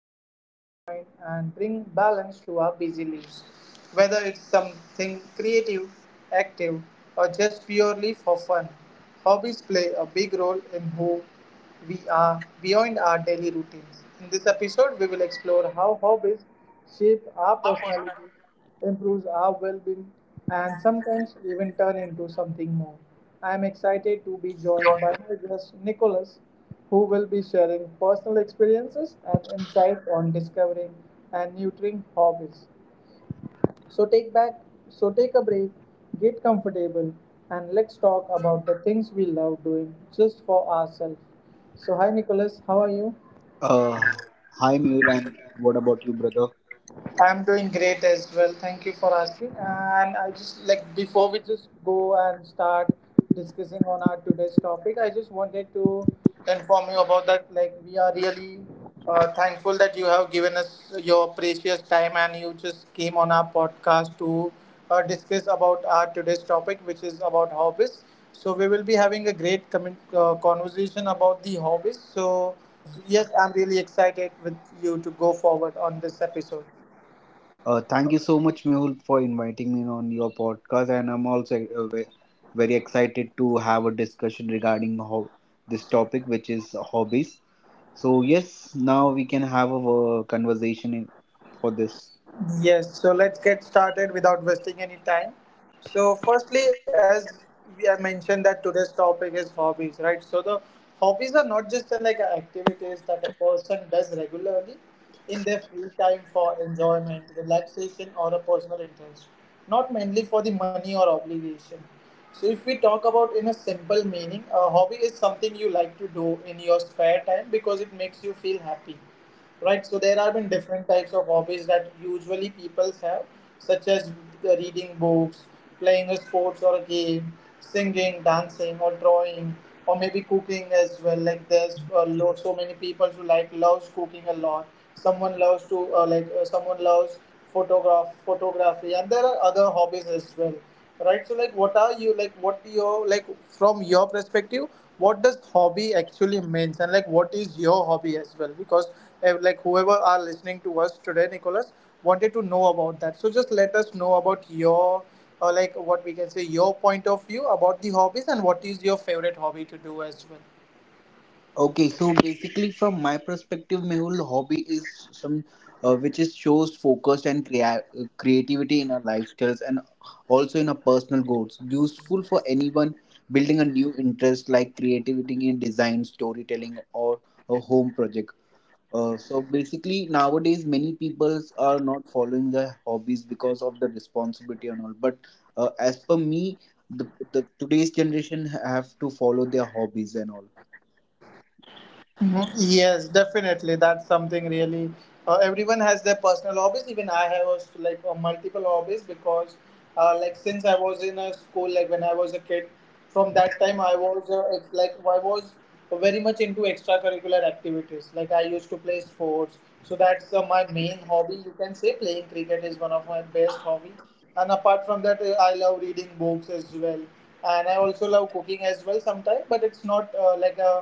help us unwind, and bring balance to our busy lives. Whether it's something creative, active, or just purely for fun, hobbies play a big role in who we are beyond our daily routines. In this episode, we will explore how hobbies shape our personality, improves our well-being, and sometimes even turn into something more. I am excited to be joined by my guest Nicholas, who will be sharing personal experiences and insight on discovering and nurturing hobbies. So take back, so take a break, get comfortable, and let's talk about the things we love doing just for ourselves. So hi Nicholas, how are you? Uh, Hi Mehul, and what about you, brother? I'm doing great as well. Thank you for asking. And I just like before we just go and start discussing on our today's topic, I just wanted to inform you about that. Like we are really thankful that you have given us your precious time and you just came on our podcast to discuss about our today's topic, which is about hobbies. So we will be having a great conversation about the hobbies. So yes, I'm really excited with you to go forward on this episode. Thank you so much, Mehul, for inviting me on your podcast, and I'm also very excited to have a discussion regarding how this topic, which is hobbies. So yes, now we can have a, conversation for this. Yes, so let's get started without wasting any time. So, firstly, as we have mentioned that today's topic is hobbies, right? So the hobbies are not just like activities that a person does regularly in their free time for enjoyment, relaxation, or a personal interest, not mainly for the money or obligation. So, if we talk about in a simple meaning, a hobby is something you like to do in your spare time because it makes you feel happy, right? So there are been different types of hobbies that usually people have, such as reading books, playing a sports or a game, singing, dancing, or drawing, or maybe cooking as well. Like so many people who loves cooking a lot. Someone loves to someone loves photography, and there are other hobbies as well, right? So like what are you like what your like from your perspective, what does hobby actually means, and like what is your hobby as well? Because like whoever are listening to us today, Nicholas wanted to know about that, so just let us know about your, or like what we can say, your point of view about the hobbies and what is your favorite hobby to do as well. Okay, so basically, from my perspective, Mehul, hobby is some which is shows focused and creativity in our lifestyles and also in our personal goals. Useful for anyone building a new interest like creativity in design, storytelling, or a home project. So basically, nowadays many people are not following their hobbies because of the responsibility and all. But as per me, the today's generation have to follow their hobbies and all. Mhm. Yes, definitely. That's something really. Everyone has their personal hobbies. Even I have also, multiple hobbies because, like since I was in a school, like when I was a kid, from that time I was like I was very much into extracurricular activities. Like I used to play sports, so that's my main hobby. You can say playing cricket is one of my best hobby. And apart from that, I love reading books as well, and I also love cooking as well sometimes. But it's not like a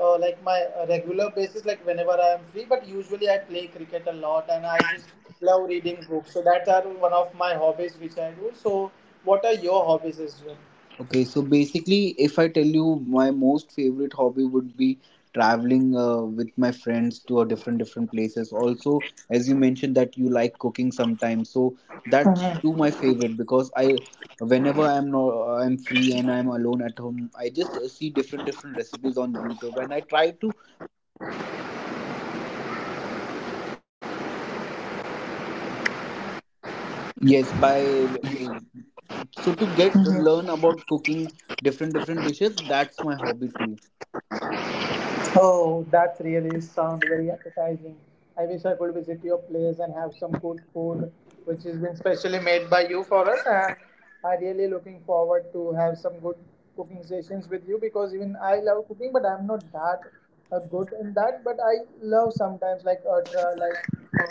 like my regular basis, like whenever I am free. But usually I play cricket a lot, and I just love reading books. So that are one of my hobbies which I do. So, what are your hobbies as well? Okay, so basically, if I tell you my most favorite hobby would be traveling with my friends to a different different places. Also, as you mentioned that you like cooking sometimes, so that's too my favorite because whenever I'm not I'm free and I'm alone at home, I just see different different recipes on YouTube and I try to Yes, by so to get to learn about cooking different different dishes, that's my hobby too. Oh, that really sound very appetizing. I wish I could visit your place and have some good food, which has been specially made by you for us. And I really looking forward to have some good cooking sessions with you because even I love cooking, but I'm not that good in that. But I love sometimes like uh, try, like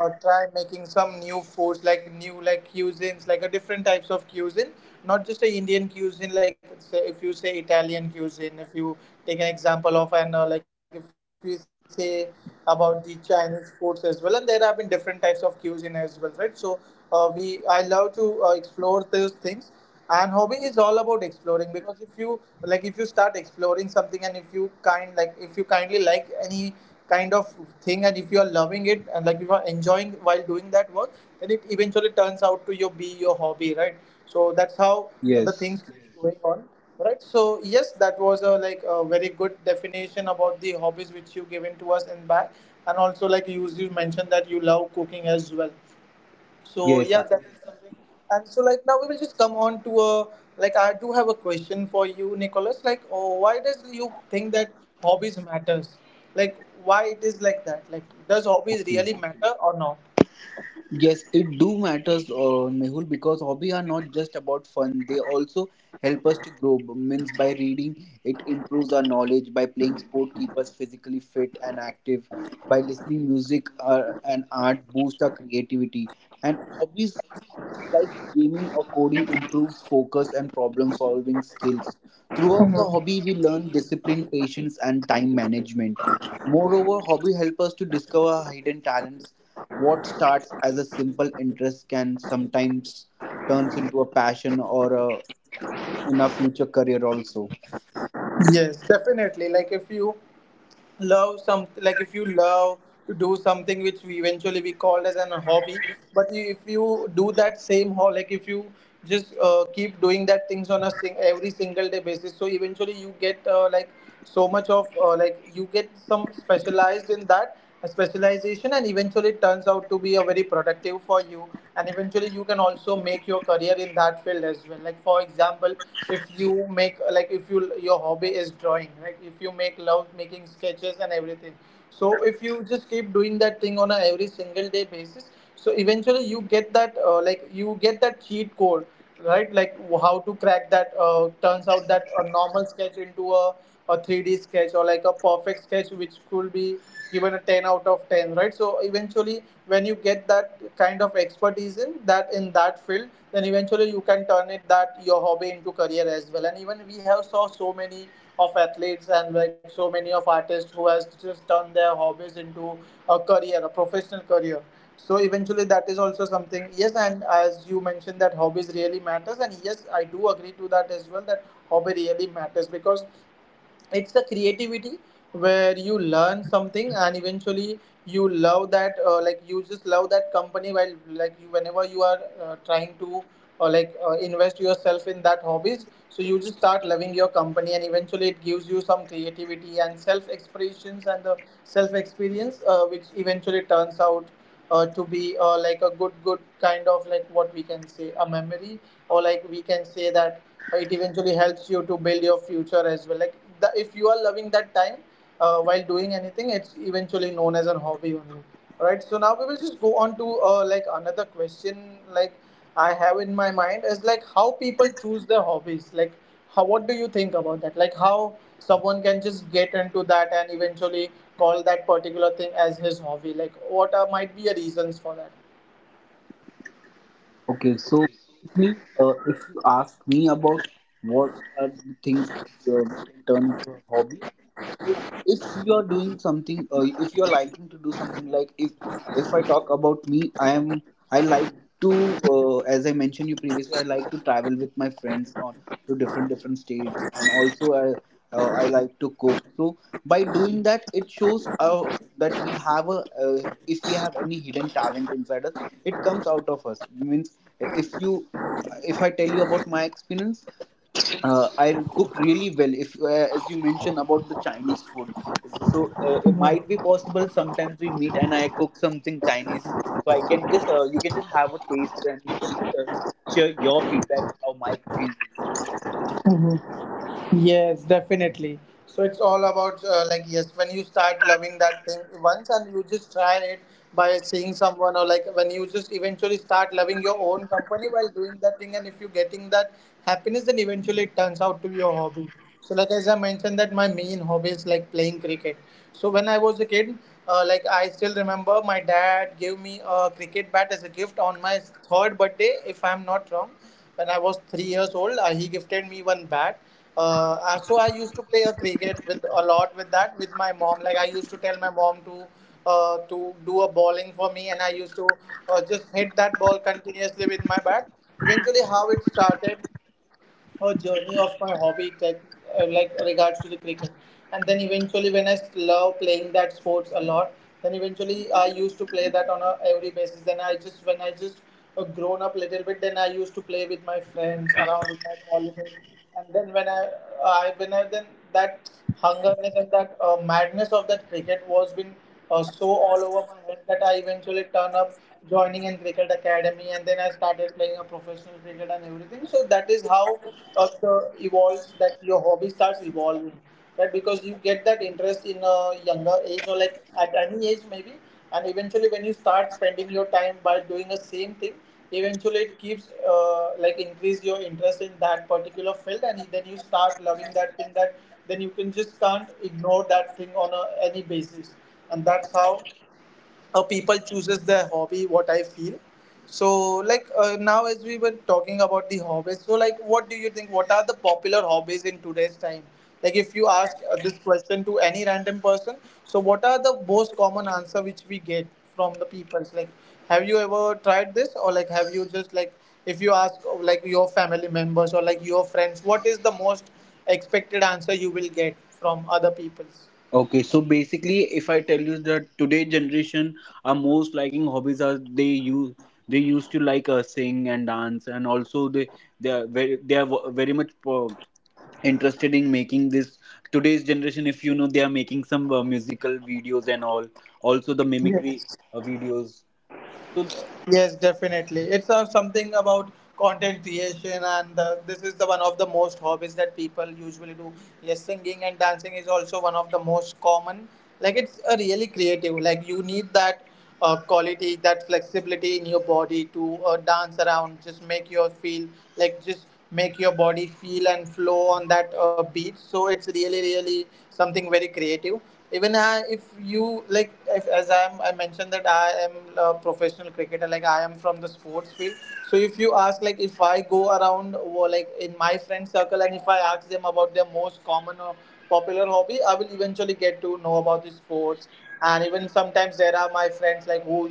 uh, try making some new foods, like new like cuisines, like a different types of cuisine, not just a Indian cuisine. Like say, if you say Italian cuisine, if you take an example of, and like if you say about the Chinese foods as well, and there have been different types of cuisine as well, right? So we I love to explore those things. And hobby is all about exploring, because if you like, if you start exploring something, and if you kind like, if you kindly like any kind of thing, and if you are loving it, and like you are enjoying while doing that work, then it eventually turns out to your be your hobby, right? So that's how the Yes, things keeps going on, right? So yes, that was a like a very good definition about the hobbies which you given to us and back. And also like you mentioned that you love cooking as well, so yes, yeah, I- that is something. And so like now we will just come on to a, like I do have a question for you, Nicholas. Like, oh, why does you think that hobbies matters? Like, why it is like that? Like, does hobbies okay. really matter or not? Yes, it do matters, Mehul, because hobby are not just about fun. They also help us to grow. Means by reading, it improves our knowledge. By playing sport, keep us physically fit and active. By listening music and art, boost our creativity. And hobbies. Like gaming or coding improves focus and problem solving skills. Throughout the hobby, we learn discipline, patience, and time management. Moreover, hobby help us to discover hidden talents. What starts as a simple interest can sometimes turns into a passion or a, in a future career also. Yes, definitely. Like, if you love some, like if you love to do something which we eventually we called as an hobby, but you, if you do that same ho like if you just keep doing that things on a every single day basis, so eventually you get so much of you get some specialized in that, a specialization, and eventually it turns out to be a very productive for you, and eventually you can also make your career in that field as well. Like for example, if you make, like if you, your hobby is drawing, right? If you make love making sketches and everything, so if you just keep doing that thing on a every single day basis, so eventually you get that you get that cheat code, right? Like how to crack that turns out that a normal sketch into a 3D sketch, or like a perfect sketch which could be given a 10 out of 10, right? So eventually when you get that kind of expertise in that, in that field, then eventually you can turn it that your hobby into career as well. And even we have saw so many of athletes, and like so many of artists who has just turned their hobbies into a career, a professional career. So eventually that is also something. Yes, and as you mentioned that hobbies really matters, and yes, I do agree to that as well, that hobby really matters because it's the creativity where you learn something, and eventually you love that you just love that company while like you, whenever you are trying to, or like invest yourself in that hobbies, so you just start loving your company, and eventually it gives you some creativity and self expressions and the self experience, which eventually turns out to be like a good good kind of, like what we can say, a memory, or like we can say that it eventually helps you to build your future as well. Like the, if you are loving that time while doing anything, it's eventually known as a hobby only. Right. So now we will just go on to like another question. Like I have in my mind is like how people choose their hobbies. Like how, what do you think about that? Like how someone can just get into that and eventually call that particular thing as his hobby. Like what are, might be a reasons for Okay, so if, me, if you ask me about what are the things that we can turn into a hobby, so if you're doing something, if you're liking to do something like if I talk about me, I like to as I mentioned you previously, I like to travel with my friends on to different different states, and also I like to cook. So by doing that, it shows that we have a if we have any hidden talent inside us, it comes out of us. Means if I tell you about my experience, I cook really well. If As you mentioned about the Chinese food, so it might be possible. Sometimes we meet and I cook something Chinese, so I can just you can just have a taste and you can just, share your feedback how my cooking is. that? Yes, definitely. So it's all about like yes, when you start loving that thing once and you just try it by seeing someone, or like when you just eventually start loving your own company while doing that thing, and if you're getting that happiness, then eventually it turns out to be your hobby. So like as I mentioned that my main hobby is like playing cricket. So when I was a kid, like I still remember my dad gave me a cricket bat as a gift on my third birthday, if I'm not wrong. When I was 3 years old, he gifted me one bat. So I used to play a cricket with a lot with that with my mom. Like I used to tell my mom to do a bowling for me, and I used to just hit that ball continuously with my bat. Eventually, how it started her journey of my hobby, like regards to the cricket, and then eventually when I love playing that sports a lot, then eventually I used to play that on a every basis. Then I just, when I just grown up little bit, then I used to play with my friends around, with my colleagues, and then when I then that hungerness and that madness of that cricket was been so all over my head that I eventually turned up joining in cricket academy, and then I started playing a professional cricket and everything. So that is how the evolves, that your hobby starts evolving, right? Because you get that interest in a younger age, or like at any age maybe, and eventually when you start spending your time by doing the same thing, eventually it keeps like increase your interest in that particular field, and then you start loving that thing, that then you can just can't ignore that thing on a any basis. And that's how people chooses their hobby, what I feel. So, like, now as we were talking about the hobbies, so like what do you think, what are the popular hobbies in today's time? Like if you ask this question to any random person, so what are the most common answer which we get from the peoples? Like, have you ever tried this, or like have you just like, if you ask like your family members or like your friends, what is the most expected answer you will get from other peoples? Okay, so basically, if I tell you that today generation are most liking hobbies are they used to like sing and dance and also they are very much interested in making this today's generation if you know they are making some musical videos and all also the mimicry videos so Yes, definitely. It's something about content creation, and this is the one of the most hobbies that people usually do. Yes, singing and dancing is also one of the most common. Like it's a really creative. Like you need that quality, that flexibility in your body to dance around, just make you feel, like just make your body feel and flow on that beat, so it's really really something very creative. Even if you like, if, as i mentioned that I am a professional cricketer, like I am from the sports field. So if you ask, like if I go around or like in my friend circle, and if I ask them about their most common or popular hobby, I will eventually get to know about the sports. And even sometimes there are my friends like who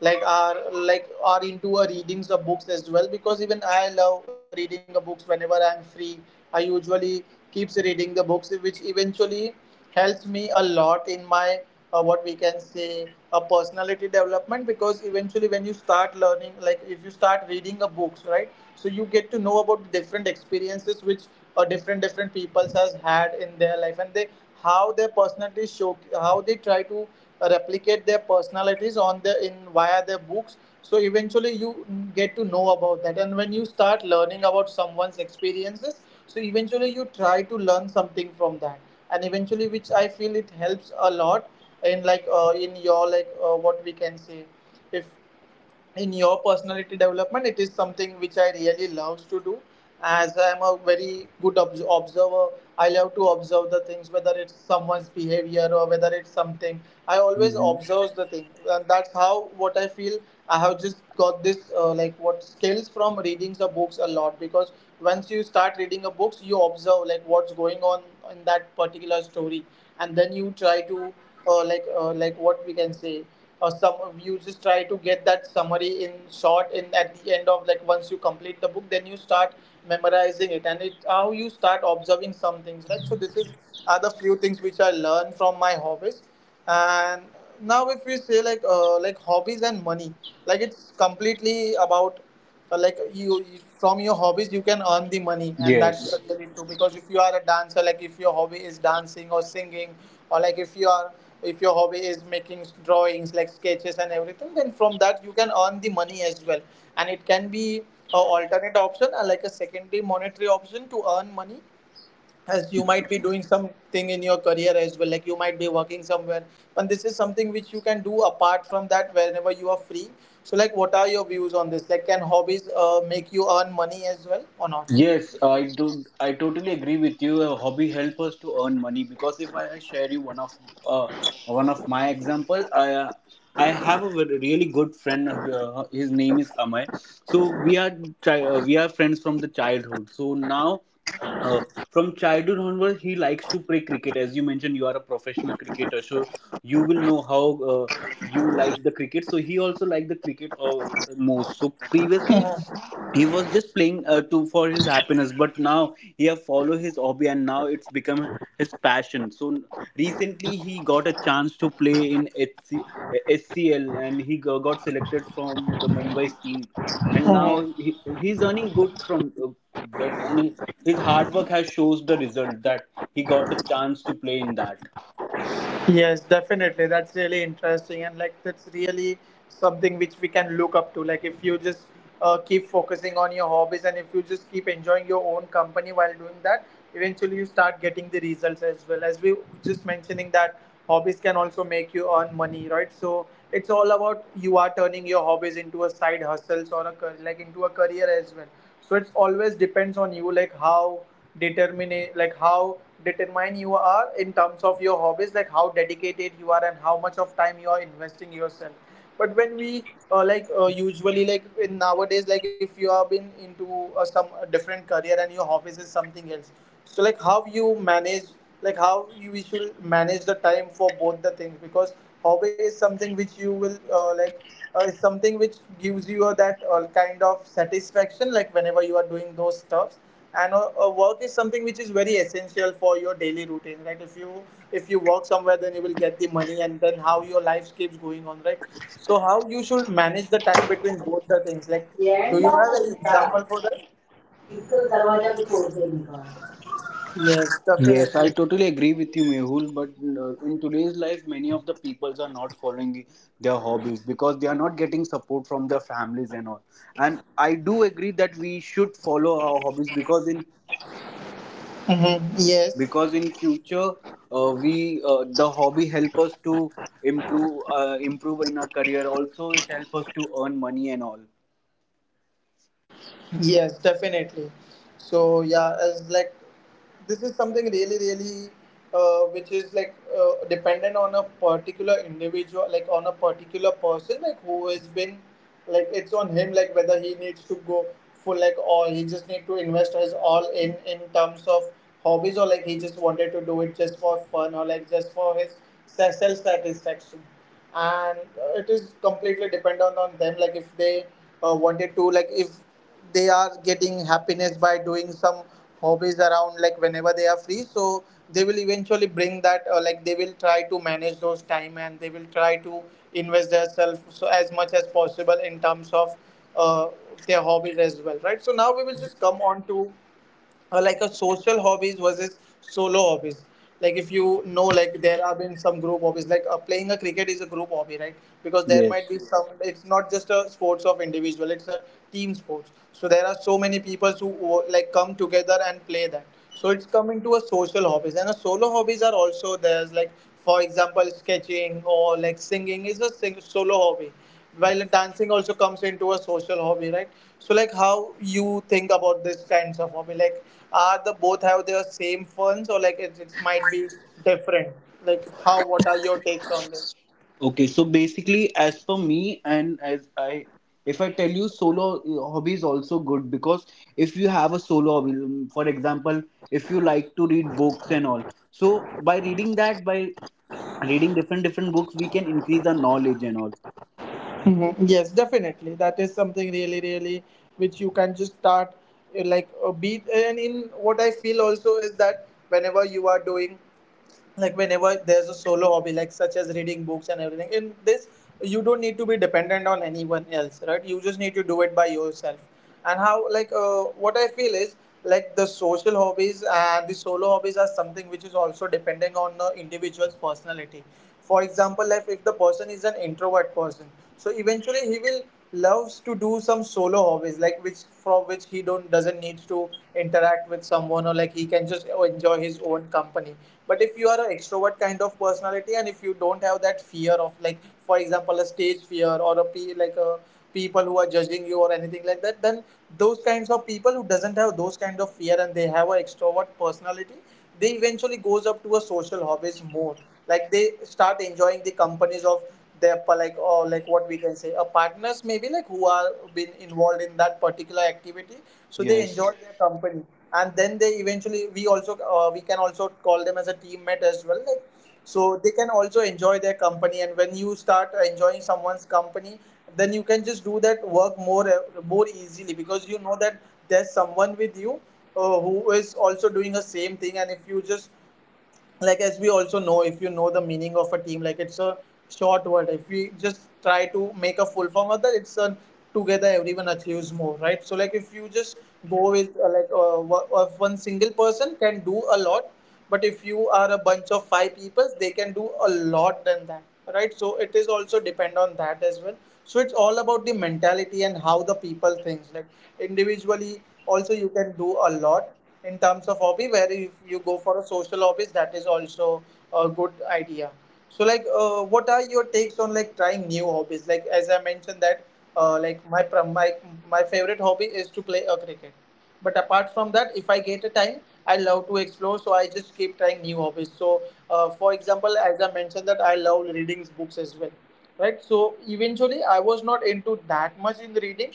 like are like are into a readings of books as well, because even I love reading the books. Whenever I'm free I usually keeps reading the books, which eventually helps me a lot in my what we can say a personality development. Because eventually when you start learning, like if you start reading a books, right, so you get to know about different experiences which different different peoples has had in their life, and they how their personalities show, how they try to replicate their personalities on the, in via their books, so eventually you get to know about that. And when you start learning about someone's experiences, so eventually you try to learn something from that. And eventually which I feel it helps a lot in, like, in your, like, what we can say, if, in your personality development. It is something which I really loves to do, as I am a very good observer. I love to observe the things, whether it's someone's behavior or whether it's something, I always hmm. observe the thing, and that's how what I feel. I have just got this like what skills from reading the books a lot, because once you start reading a books you observe like what's going on in that particular story, and then you try to like what we can say, or some, you just try to get that summary in short, in at the end of, like once you complete the book, then you start memorizing it, and it's how you start observing some things, right? So this is are the few things which I learned from my hobbies. And now if we say like, like hobbies and money, like it's completely about like you from your hobbies you can earn the money, and that's Yes, the really true. Because if you are a dancer, like if your hobby is dancing or singing, or like if you are, if your hobby is making drawings like sketches and everything, then from that you can earn the money as well. And it can be a alternate option, like a secondary monetary option to earn money, as you might be doing something in your career as well, like you might be working somewhere, and this is something which you can do apart from that whenever you are free. So like what are your views on this, like can hobbies make you earn money as well or not? yes I do, I totally agree with you, a hobby help us to earn money because if I I share you uh, one of my example I have a really good friend, his name is Amay. So we are we are friends from the childhood. So now, Uh, from childhood onwards, he likes to play cricket. As you mentioned, you are a professional cricketer, so you will know how uh, you like the cricket. So he also liked the cricket most. So previously, he was just playing to for his happiness, but now he have followed his hobby, and now it's become his passion. So recently, he got a chance to play in HC, SCL, and he got selected from the Mumbai's team. And now he's earning good from that, and his hard work has shows the result that he got the chance to play in that. Yes, definitely. That's really interesting, and like that's really something which we can look up to. Like if you just keep focusing on your hobbies, and if you just keep enjoying your own company while doing that, eventually you start getting the results as well. As we just mentioning that hobbies can also make you earn money, right? So it's all about you are turning your hobbies into a side hustles, or a like into a career as well. So it's always depends on you, like how determine, like how determine you are in terms of your hobbies, like how dedicated you are and how much of time you are investing yourself. But when we usually, like in nowadays, like if you have been into some different career and your hobbies is something else, so like how you manage, like how we should manage the time for both the things? Because hobby is something which you will is something which gives you a, that kind of satisfaction, like whenever you are doing those stuffs. And work is something which is very essential for your daily routine, right? If you, if you work somewhere, then you will get the money, and then how your life keeps going on, right? So how you should manage the time between both the things? Like, do you have any example for that? Yes, Yes, I definitely. totally agree with you, Mehul. But in today's life, many of the peoples are not following their hobbies because they are not getting support from their families and all. And I do agree that we should follow our hobbies Yes. because in future we the hobby help us to improve in our career, also it help us to earn money and all. Yes, definitely. So yeah, as like, this is something really, really, which is like dependent on a particular individual, like on a particular person, like who has been, like it's on him, like whether he needs to go full, like, or he just need to invest his all in terms of hobbies, or like he just wanted to do it just for fun, or like just for his self satisfaction. And it is completely dependent on them, like if they wanted to, like if they are getting happiness by doing some hobbies around, like whenever they are free, so they will eventually bring that, like they will try to manage those time, and they will try to invest themselves so as much as possible in terms of uh, their hobbies as well, right? So now we will just come on to, or like a social hobbies versus solo hobbies. Like if you know, like there have been some group hobbies, like playing a cricket is a group hobby, right? Because there might Yes. be some, it's not just a sports of individual, it's a team sports. So there are so many people who like come together and play that, so it's coming to a social hobbies. And a solo hobbies are also there's like for example sketching, or like singing is a solo hobby, while dancing also comes into a social hobby, right? So like how you think about this kinds of hobby? Like, are the both have their same funds, or like it might be different? Like how, what are your takes on this? Okay, so basically as for me and as I if I tell you, solo hobby is also good because if you have a solo hobby, for example, if you like to read books and all, so by reading that by reading different different books, we can increase our knowledge and all. Mhm. Yes, definitely. That is something really, really which you can just start like a beat. And in what I feel also is that whenever you are doing, like, whenever there's a solo hobby, like such as reading books and everything in this, you don't need to be dependent on anyone else, right? You just need to do it by yourself. And how, like what I feel is, like, the social hobbies and the solo hobbies are something which is also depending on the individual's personality. For example, if the person is an introvert person, so eventually he will loves to do some solo hobbies, like which from which he don't doesn't need to interact with someone, or like he can just enjoy his own company. But if you are an extrovert kind of personality, and if you don't have that fear of, like for example, a stage fear or a like a people who are judging you or anything like that, then those kinds of people who doesn't have those kind of fear and they have an extrovert personality, they eventually goes up to a social hobbies mode. Like, they start enjoying the companies of their like, or like what we can say, a partners, maybe, like who are been involved in that particular activity. So they enjoy Yes. their company. And then they eventually, we also we can also call them as a teammate as well. Like, so they can also enjoy their company, and when you start enjoying someone's company, then you can just do that work more more easily, because you know that there's someone with you who is also doing the same thing. And if you just, like, as we also know, if you know the meaning of a team, like it's a short word. If we just try to make a full form of that, it's a together everyone achieves more, right? So like, if you just go with like one single person can do a lot, but if you are a bunch of five people, they can do a lot than that, right? So it is also depend on that as well. So it's all about the mentality and how the people thinks, like individually also you can do a lot in terms of hobby. Where if you go for a social hobby, that is also a good idea. So like what are your takes on, like, trying new hobbies? Like, as I mentioned that like my my favorite hobby is to play a cricket. But apart from that, if I get a time, I love to explore, so I just keep trying new hobbies. So for example, as I mentioned that I love reading books as well, right? So eventually I was not into that much in reading,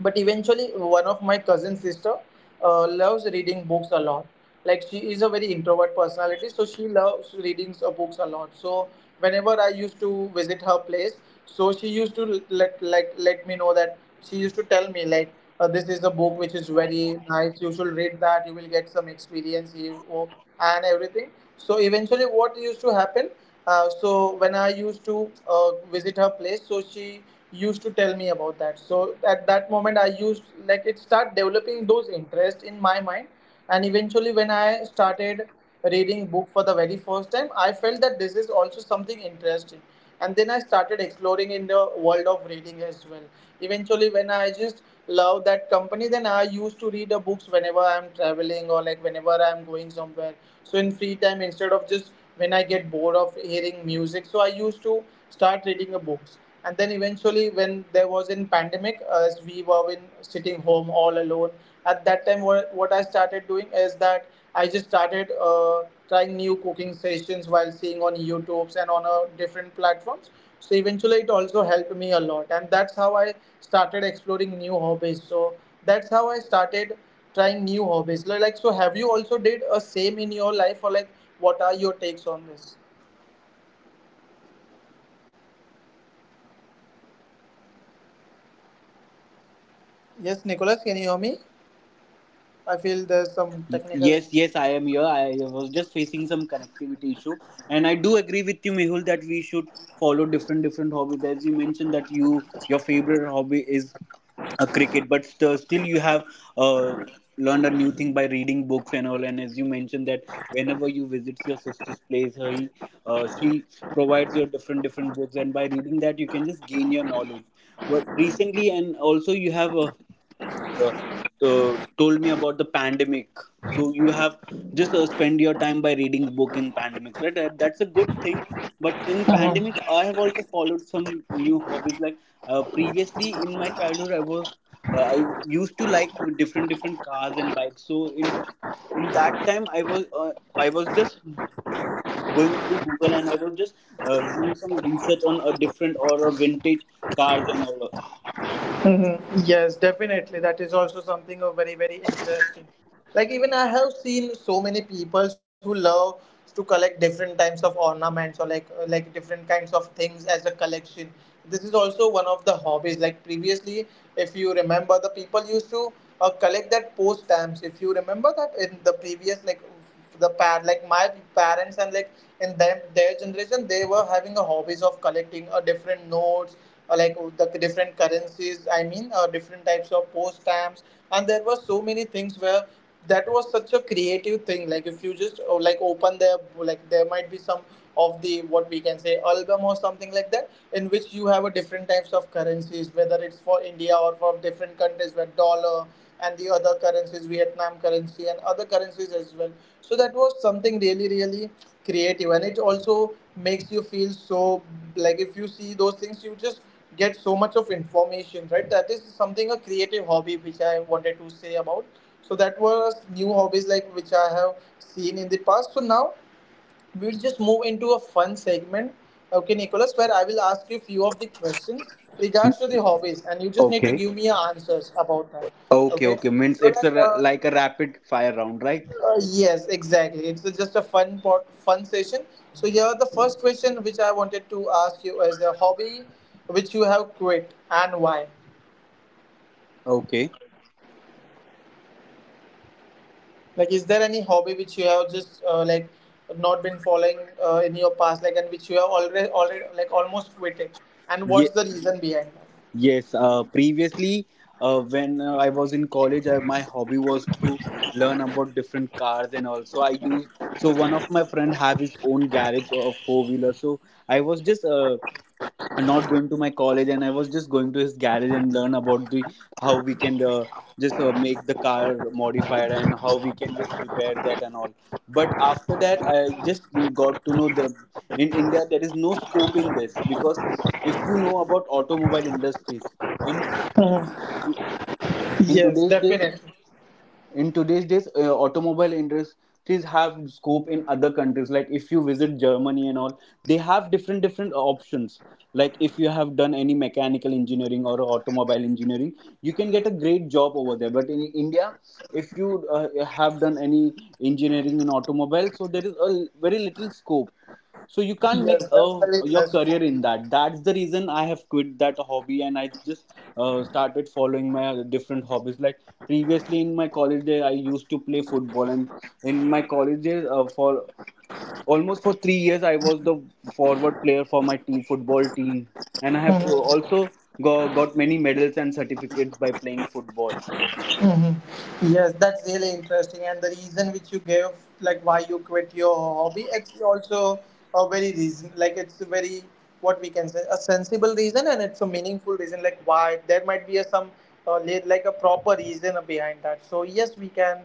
but eventually one of my cousin sister loves reading books a lot. Like, she is a very introvert personality, so she loves reading books a lot. So whenever I used to visit her place, so she used to let, like let me know, that she used to tell me like, this is a book which is very nice, you should read that, you will get some experience, you, oh, and everything. So eventually what used to happen, so when I used to visit her place, so she used to tell me about that. So at that moment, I used like it start developing those interests in my mind, and eventually when I started reading book for the very first time, I felt that this is also something interesting, and then I started exploring in the world of reading as well. Eventually when I just love that company, then I used to read the books whenever I'm traveling or like whenever I'm going somewhere. So in free time, instead of just, when I get bored of hearing music, so I used to start reading the books. And then eventually when there was in pandemic, as we were in sitting home all alone, at that time what I started doing is that I just started trying new cooking sessions while seeing on youtubes and on different platforms. So eventually it also helped me a lot, and that's how I started exploring new hobbies. So that's how I started trying new hobbies. Like, so have you also did a same in your life, or like what are your takes on this? Yes, Nicholas, can you hear me? I feel there's some technical. Yes, yes, I am here. I was just facing some connectivity issue, and I do agree with you, Mehul, that we should follow different different hobbies. As you mentioned that your favorite hobby is a cricket, but still you have uh, learned a new thing by reading books and all. And as you mentioned that whenever you visit your sister's place, she provides you different different books, and by reading that you can just gain your knowledge. But recently, and also you have the, the told me about the pandemic. So you have just spend your time by reading book in pandemics, right? That's a good thing. But in pandemic, I have also followed some new hobbies. Like previously in my childhood, I used to like different different cars and bikes. So in that time, I was just going through Google and I was just doing some research on a different or a vintage cars and all. Mhm. Yes, definitely. That is also something of very, very interesting. Like, even I have seen so many people who love to collect different types of ornaments, or like different kinds of things as a collection. This is also one of the hobbies. Like previously, if you remember, the people used to collect that post stamps. If you remember that in the previous, like the parent, like my parents, and like in them their generation, they were having a hobbies of collecting different notes, like the different currencies, I mean different types of post stamps. And there were so many things where that was such a creative thing, like if you just like open their, like there might be some of the, what we can say, album or something like that, in which you have a different types of currencies, whether it's for India or for different countries, where dollar and the other currencies, Vietnam currency and other currencies as well. So that was something really, really creative, and it also makes you feel so, like if you see those things, you just get so much of information, right? That is something a creative hobby which I wanted to say about. So that was new hobbies, like which I have seen in the past. So now we'll just move into a fun segment, okay, Nicholas, where I will ask you a few of the questions regards to the hobbies, and you just need to Okay. give me your answers about that, Okay, okay? okay. Means So it's like, a, like a rapid fire round, right? Yes, exactly. It's just a fun pot, fun session. So here, the first question which I wanted to ask you is the hobby which you have quit and why. Okay. Like, is there any hobby which you have just like not been following in your past, like, and which you have already like almost quitted, and what's Ye- the reason behind that? yes. Previously, when I was in college, my hobby was to learn about different cars and also I used. So one of my friend have his own garage or four wheeler. So I was just and not going to my college and I was just going to his garage and learn about the how we can just make the car modified and how we can just repair that and all. But after that I just got to know the in India there is no scope in this because if you know about automobile industries in in Yes, today's days definitely. in today's days, automobile industries have scope in other countries, like if you visit Germany and all, they have different different options. Like if you have done any mechanical engineering or automobile engineering, you can get a great job over there, but in India, if you have done any engineering in automobile, so there is a very little scope, so you can't make Yes, a that's really your interesting. career in that. That's the reason I have quit that hobby, and I just started following my different hobbies. Like previously in my college day I used to play football, and in my college days for almost for 3 years I was the forward player for my team football team, and I have got many medals and certificates by playing football. Yes, that's really interesting. And the reason which you gave, like why you quit your hobby, it's also a very reason. Like it's a very, what we can say, a sensible reason, and it's a meaningful reason. Like why there might be a some like a proper reason behind that. So yes, we can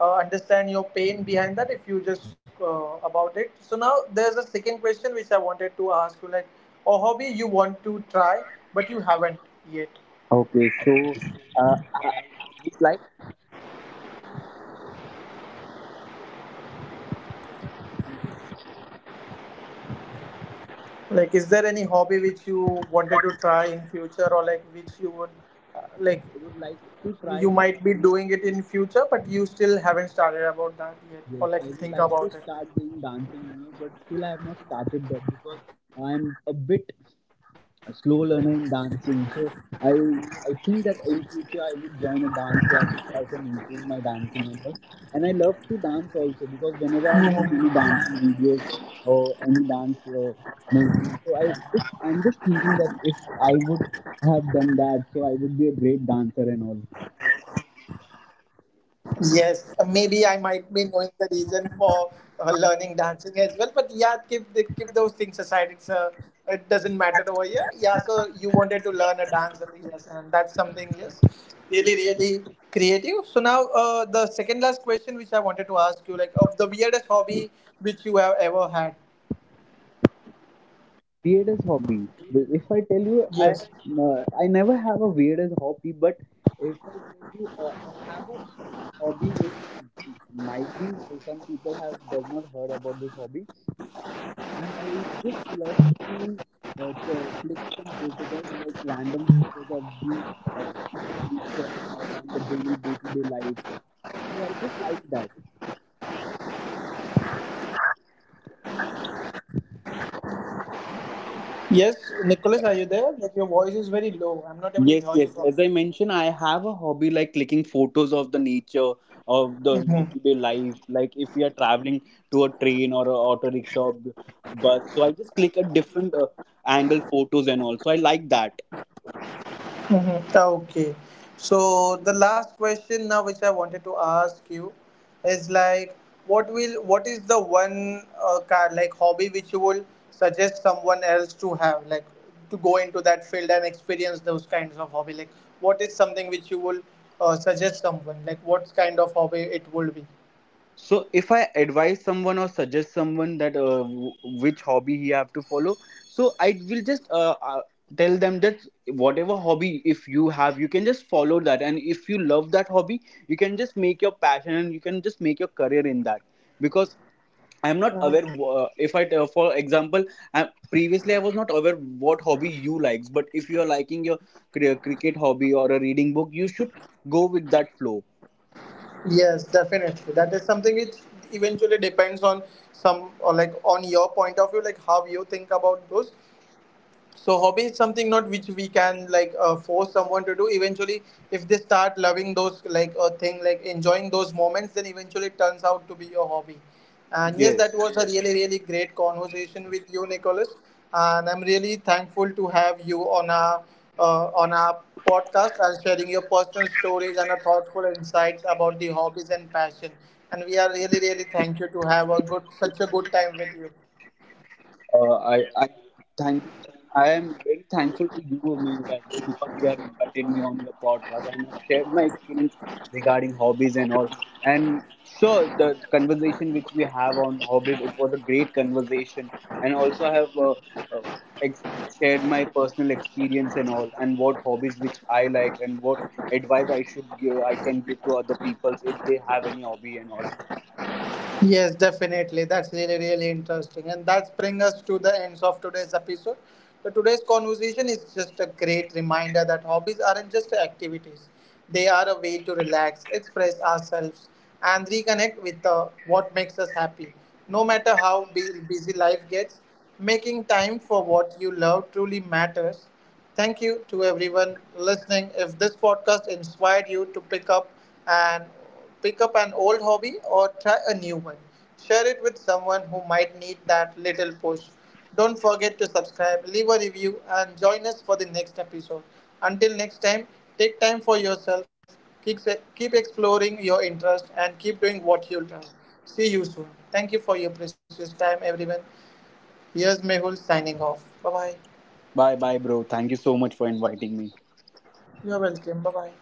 understand your pain behind that if you just about it. So now there's a second question which I wanted to ask you, like a hobby you want to try but you haven't yet. Okay, so I would like Like, is there any hobby which you wanted to try in future, or like which you would like, i would like to try you that. might be doing it in future but you still haven't started about that yet, Yes, or like I would think like to about it. start doing dancing, you know, but still I have not started that because I'm a bit a slow learner in dancing. So I I think that in future I would join a dance class if I can improve my dancing and all. And I love to dance also because whenever I'm seeing any dancing videos or any dance movie, so I'm just thinking that if I would have done that, so I would be a great dancer and all. Yes, maybe I might be knowing the reason for learning dancing as well. But yeah, keep the, keep those things aside. It's it doesn't matter over here. Yeah, so you wanted to learn a dance, and yes, and that's something, yes, really really creative. So now the second last question which I wanted to ask you, like of the weirdest hobby which you have ever had. Weirdest hobby. Like, if I tell you, Yes, I never have a weirdest hobby, but if I tell you, I have a hobby. It might be some people have does not heard about this hobby. I just love to click some photos and like random photos of the uh, nature and all and the daily day to day life. So I just like that. yes, Nicholas, are you there? Like your voice is very low. I'm not able to Yes, hear you yes. properly. As I mentioned, I have a hobby like clicking photos of the nature of the day-to-day life. Like if we are traveling to a train or a auto rickshaw, bus, so I just click a different angle photos and all. So I like that. Mhm. Okay. So the last question now, which I wanted to ask you, is like, what is the one car, like hobby which you will suggest someone else to have, like, to go into that field and experience those kinds of hobby? Like, what is something which you will suggest someone? Like, what kind of hobby it would be? So if I advise someone or suggest someone that which hobby he have to follow, so I will just tell them that whatever hobby if you have, you can just follow that, and if you love that hobby, you can just make your passion and you can just make your career in that. Because I'm not aware if for example, previously I was not aware what hobby you likes, but if you are liking your cricket hobby or a reading book, you should go with that flow. Yes, definitely. That is something which eventually depends on some or like on your point of view, like how you think about those. So hobby is something not which we can like force someone to do. Eventually if they start loving those, like a thing, like enjoying those moments, then eventually it turns out to be your hobby. And yes, that Yes. was a really really great conversation with you, Nicholas, and I'm really thankful to have you on our on our podcast, and sharing your personal stories and our thoughtful insights about the hobbies and passion. And we are really really thankful to have a good, such a good time with you. Uh, I I thank I am very thankful to you, Mehul, as well, because you have invited me on your podcast and I've shared my experience regarding hobbies and all. And sure, the conversation which we have on hobbies, it was a great conversation. And also, I have uh, ex- shared my personal experience and all, and what hobbies which I like, and what advice I should give, I can give to other peoples if they have any hobby and all. Yes, definitely. That's really, really interesting. And that's bring us to the ends of today's episode. So today's conversation is just a great reminder that hobbies aren't just activities. They are a way to relax, express ourselves, and reconnect with what makes us happy. No matter how busy life gets, making time for what you love truly matters. Thank you to everyone listening. If this podcast inspired you to and pick up an old hobby or try a new one, share it with someone who might need that little push. Don't forget to subscribe, leave a review, and join us for the next episode. Until next time, take time for yourself, keep, keep exploring your interest, and keep doing what you love. See you soon. Thank you for your precious time, everyone. Here's Mehul signing off. Bye bye. Bye, bye, bro. Thank you so much for inviting me. You're welcome. Bye bye.